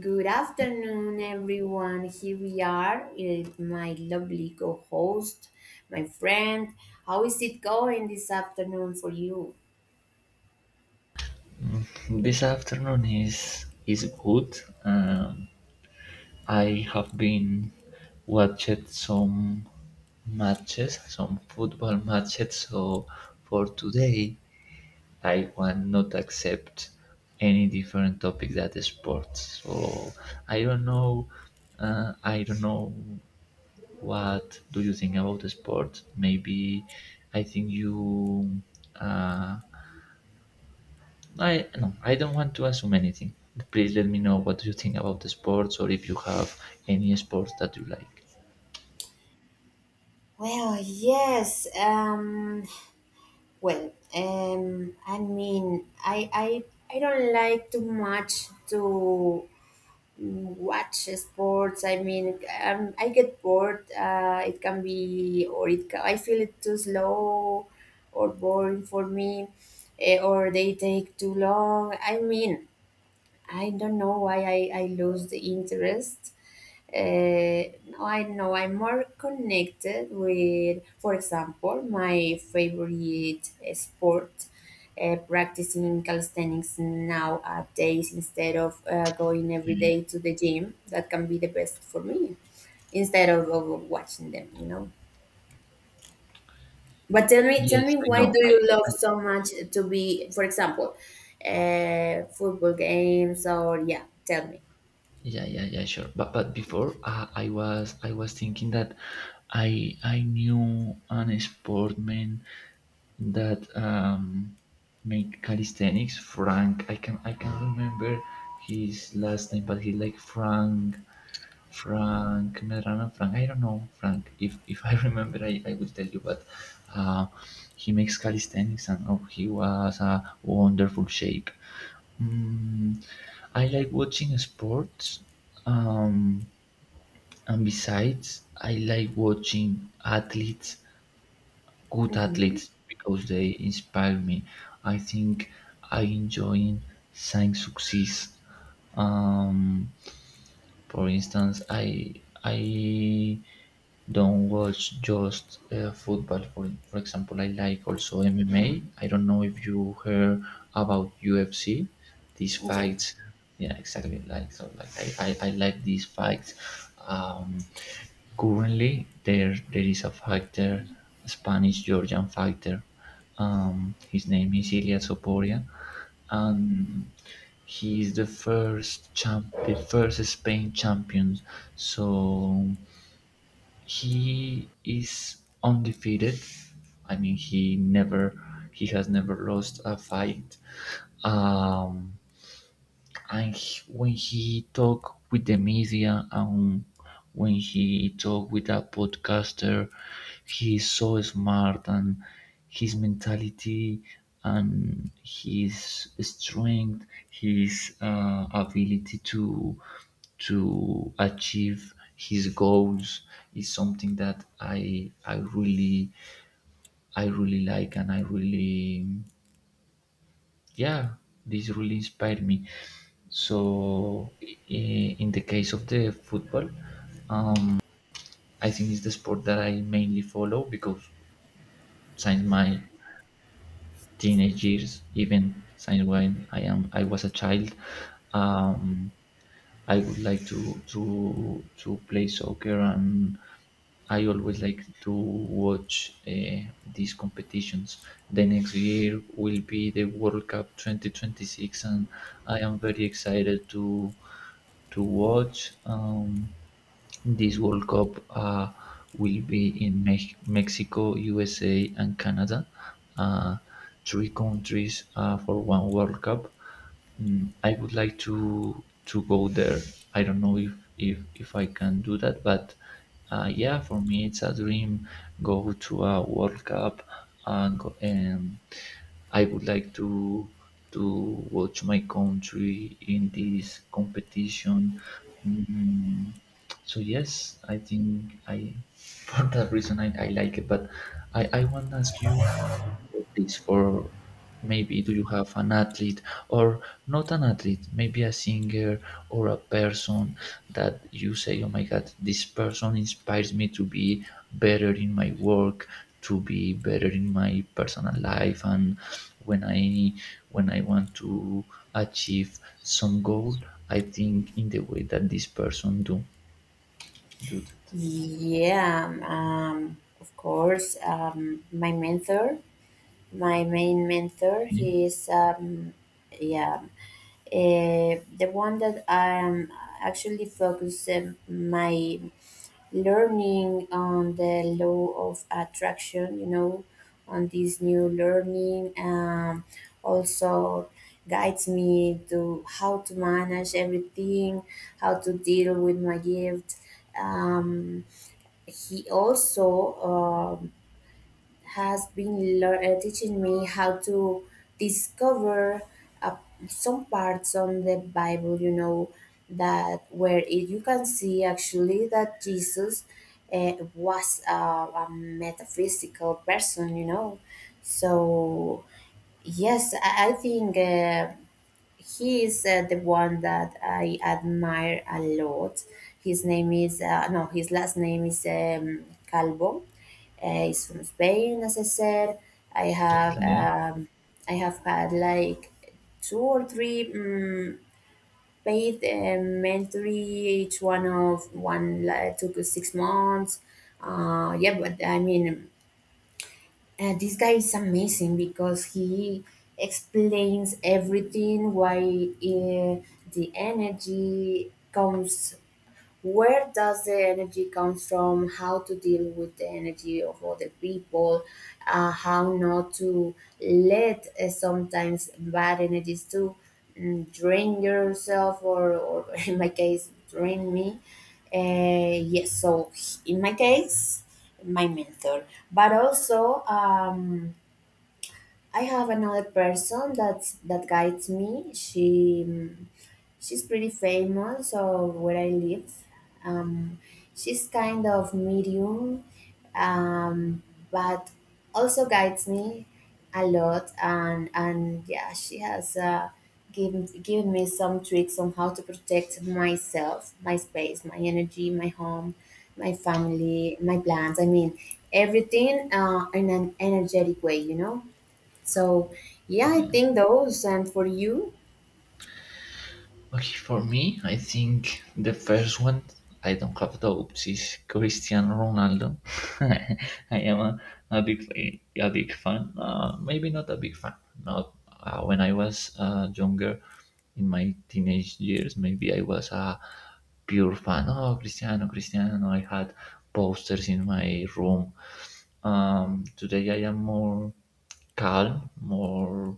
Good afternoon, everyone. Here we are with my lovely co host, my friend. How is it going this afternoon for you? This afternoon is good. Um, I have been watched some matches, some football matches. So for today, I want not accept any different topic that is sports. So I don't know. I don't know what do you think about the sport. Maybe I think you. Uh, I No, I don't want to assume anything. Please let me know what you think about the sports or if you have any sports that you like. Well, yes. Well, um, I mean, I, I, I don't like too much to watch sports. I get bored. It can be or it ca I feel it too slow or boring for me or they take too long. I don't know why I lose the interest. uh, I know I'm more connected with, for example, my favorite sport, practicing calisthenics nowadays instead of going every day to the gym. That can be the best for me instead of watching them, you know. But tell Yes, me, I why know. do you love I so much to be, for example, football games or yeah, tell me. Yeah, yeah, yeah, sure. But before, I was thinking that I knew an sportman that made calisthenics. Frank, I can remember his last name, but he like Frank, Frank Medrano, Frank. I don't know Frank. If I remember, I will tell you. But uh, he makes calisthenics, and oh, he was a wonderful shape. Mm, I like watching sports, um, and besides, I like watching athletes, good Mm-hmm. athletes, because they inspire me. I think I enjoy seeing success. Um, for instance, I don't watch just football. For example, I like also MMA. I don't know if you heard about UFC. These fights, yeah, exactly. Like so, like I like these fights. Um, Currently, there is a fighter, Spanish Georgian fighter. His name is Ilya Soporia, and he is the first champ, the first Spain champion. So he is undefeated. I mean, he never, he has never lost a fight. Um, and when he talk with the media and when he talk with a podcaster, he is so smart, and his mentality and his strength, his ability to achieve his goals is something that I really like, and I really, yeah, this really inspired me. So, in the case of the football, I think it's the sport that I mainly follow because since my teenage years, even since when I was a child, um, I would like to play soccer, and I always like to watch these competitions. The next year will be the World Cup 2026, and I am very excited to watch, this World Cup will be in Mexico, USA, and Canada. Uh, Three countries, for one World Cup. I would like to go there. I don't know if I can do that, but yeah, for me it's a dream. Go to a World Cup and go, and I would like to watch my country in this competition. Mm, so yes, I think I for that reason I like it. But I want to ask you for this, for, maybe do you have an athlete, or not an athlete, maybe a singer or a person that you say, oh my god, this person inspires me to be better in my work, to be better in my personal life, and when I want to achieve some goal, I think in the way that this person do that. Yeah, of course. My mentor, my main mentor, Okay, he is yeah, the one that I am actually focus my learning on the law of attraction. You know, on this new learning. Also guides me to how to manage everything, how to deal with my gift. Um, he also um, has been teaching me how to discover uh, some parts on the Bible, you know, that where it, you can see actually that Jesus was a metaphysical person, you know. So yes, I think he is the one that I admire a lot. His name is no, his last name is Calvo. He's from Spain, as I said. I have okay. um, I have had like two or three paid mentoring, each one of one like took 6 months. Yeah, but I mean this guy is amazing because he explains everything why the energy comes, where does the energy come from, how to deal with the energy of other people, how not to let sometimes bad energies to drain yourself or in my case drain me. Yes, so in my case my mentor, but also I have another person that's that guides me. She She's pretty famous where I live. Um, she's kind of medium, um, but also guides me a lot. And yeah, she has given me some tricks on how to protect myself, my space, my energy, my home, my family, my plants. I mean, everything in an energetic way, you know? So yeah, I think those. And for you? Okay, for me, I think the first one, I don't have doubts, is Cristiano Ronaldo. I am a big a big fan. Maybe not a big fan. Not, when I was younger, in my teenage years, maybe I was a pure fan. Oh, Cristiano, Cristiano! I had posters in my room. Today I am more calm, more,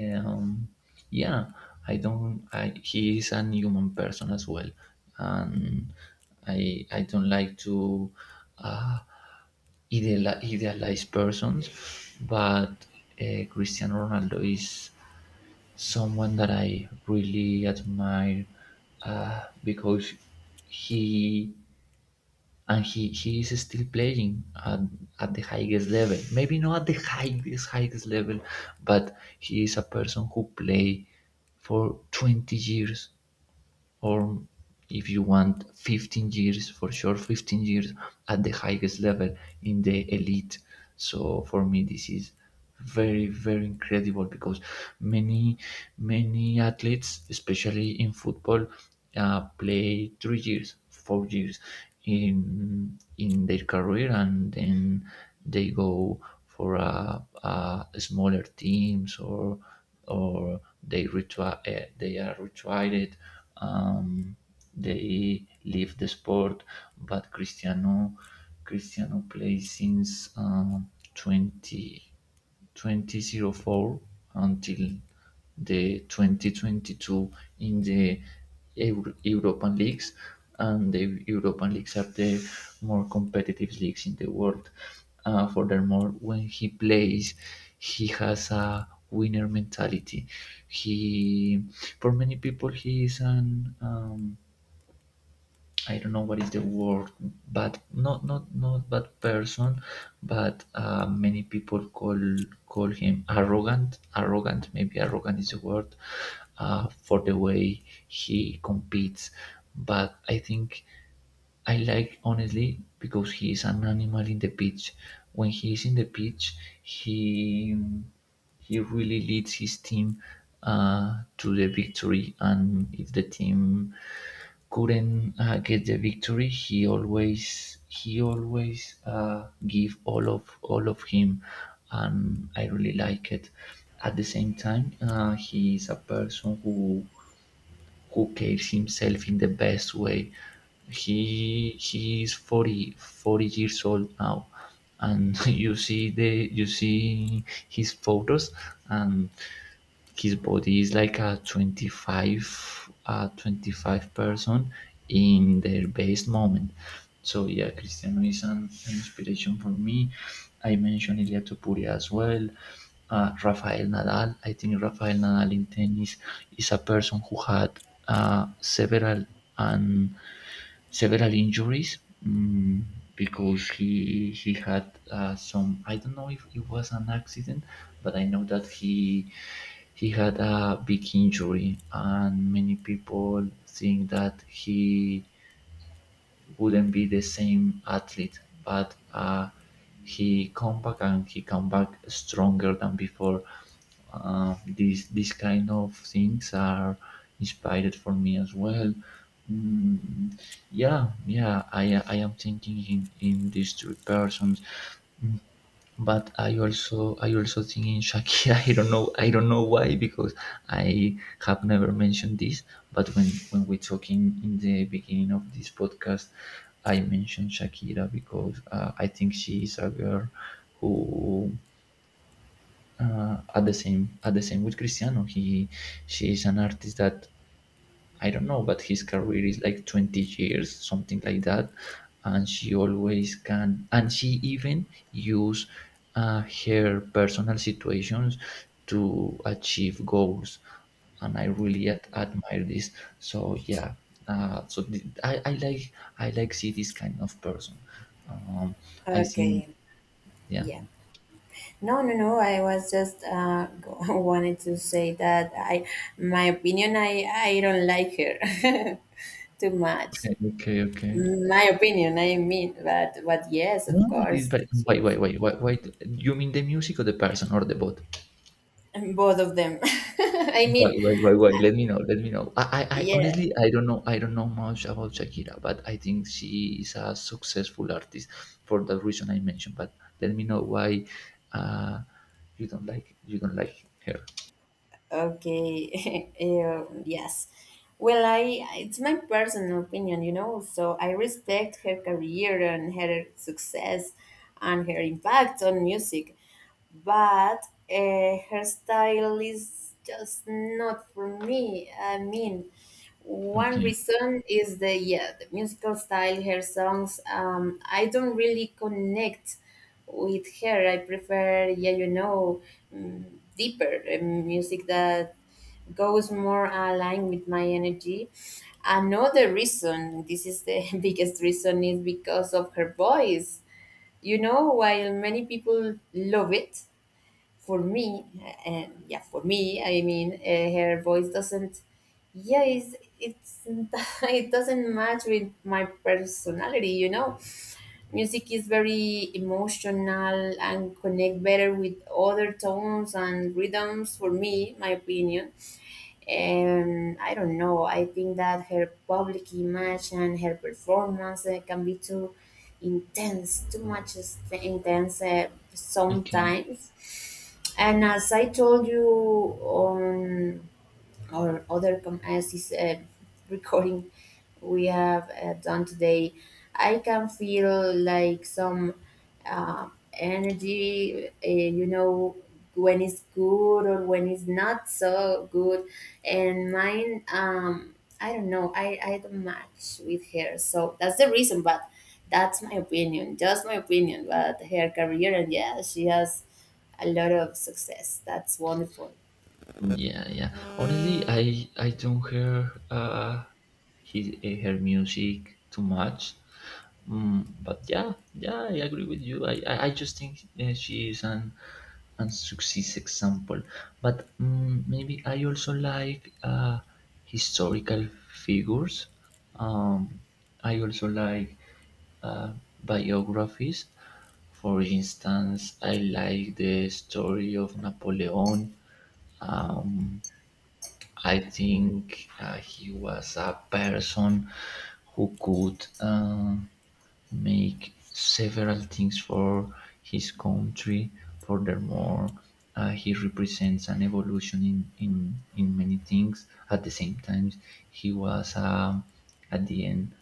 um, yeah, I don't. I, he is an human person as well, and I don't like to, uh, idealize persons, but Cristiano Ronaldo is someone that I really admire, because he, and he is still playing at the highest level, maybe not at the highest highest level, but he is a person who play for 20 years, or if you want, 15 years, for sure 15 years, at the highest level, in the elite. So for me this is very, very incredible because many many athletes, especially in football, play 3 years, 4 years, in their career, and then they go for a smaller teams, or they they are retired. Um, they leave the sport, but Cristiano plays since 2004 until the 2022 in the European leagues, and the European leagues are the more competitive leagues in the world. Furthermore, when he plays, he has a winner mentality. He, for many people, he is an, um, I don't know what is the word, but not bad person, but many people call him arrogant. Arrogant, maybe arrogant is the word, for the way he competes. But I think I like honestly because he is an animal in the pitch. When he is in the pitch, he he really leads his team, to the victory. And if the team couldn't, get the victory, he always give all of him, and I really like it. At the same time, he is a person who carries himself in the best way. He is 40 40 years old now, and you see the, you see his photos, and his body is like a 25, person in their best moment. So yeah, Cristiano is an inspiration for me. I mentioned Ilia Topuria as well. Rafael Nadal, I think Rafael Nadal in tennis is a person who had, several and several injuries, mm, because he had, some, I don't know if it was an accident, but I know that he had a big injury, and many people think that he wouldn't be the same athlete, but he come back, and he come back stronger than before. These kind of things are inspired for me as well. Mm, yeah, yeah, I am thinking in these three persons, but I also think in Shakira. I don't know why, because I have never mentioned this. But when we talking in the beginning of this podcast, I mentioned Shakira because I think she is a girl who, at the same with Cristiano. He, she is an artist that, I don't know, but his career is like 20 years, something like that. And she always can, and she even use her personal situations to achieve goals. And I really admire this. So yeah, so I like see this kind of person. Um, I think, Okay. yeah. Yeah. No, no, no. I was just wanted to say that I, my opinion, I don't like her too much. Okay, okay, okay. My opinion, I mean, but yes, No, of it's course, wait, she's wait, wait, wait, wait. You mean the music or the person or the both? both of them. I Wait, mean, wait, wait, wait. Let me know. Let me know. I yeah, Honestly, I don't know. I don't know much about Shakira, but I think she is a successful artist for the reason I mentioned. But let me know why uh, you don't like her. okay, yes. Well, I it's my personal opinion, you know. So I respect her career and her success and her impact on music. But her style is just not for me. I mean, one Okay, reason is the yeah the musical style. Her songs, I don't really connect with her. I prefer yeah you know mm, deeper music that goes more aligned with my energy. Another reason, this is the biggest reason, is because of her voice. You know, while many people love it, for me, yeah, for me, I mean, her voice doesn't, yeah, it's it doesn't match with my personality, you know. Music is very emotional and connect better with other tones and rhythms for me, my opinion. I don't know. I think that her public image and her performance can be too intense, too much intense okay. sometimes. And as I told you on or other comprehensive recording we have done today. I can feel like some energy, you know, when it's good or when it's not so good. And mine, I don't know, I don't match with her. So that's the reason, but that's my opinion, just my opinion about her career. And yeah, she has a lot of success. That's wonderful. Yeah, yeah. Honestly, I don't hear his, her music too much. But yeah, yeah, I agree with you. I just think she is an success example. But, maybe I also like historical figures. Um, I also like uh, biographies. For instance, I like the story of Napoleon. Um, I think he was a person who could make several things for his country. Furthermore, he represents an evolution in many things. At the same time, he was, at the end,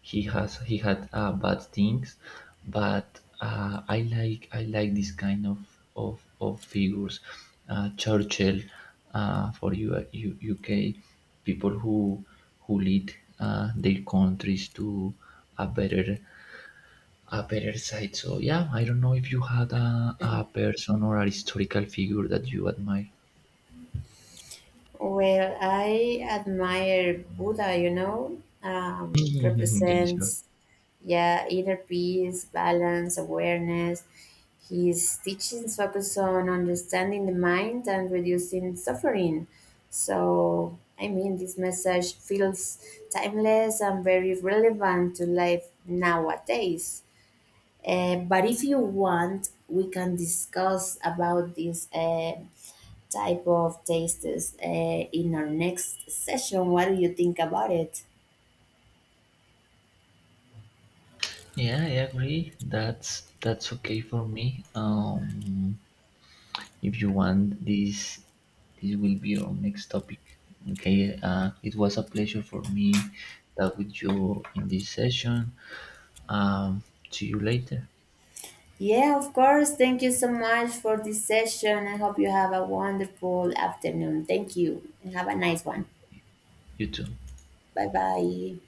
he had bad things, but I like this kind of figures. Churchill, for UK people who lead, their countries to a better a better side. So yeah, I don't know if you had a person or a historical figure that you admire. Well, I admire Buddha, you know, Yeah, sure. represents, yeah, inner peace, balance, awareness. His teachings focus on understanding the mind and reducing suffering. So, I mean, this message feels timeless and very relevant to life nowadays. But if you want, we can discuss about this. Type of tastes in our next session. What do you think about it? Yeah, I agree. That's okay for me. If you want, this will be our next topic. Okay, it was a pleasure for me talk with you in this session. um, See you later. Yeah, of course. Thank you so much for this session. I hope you have a wonderful afternoon. Thank you and have a nice one. You too. Bye bye.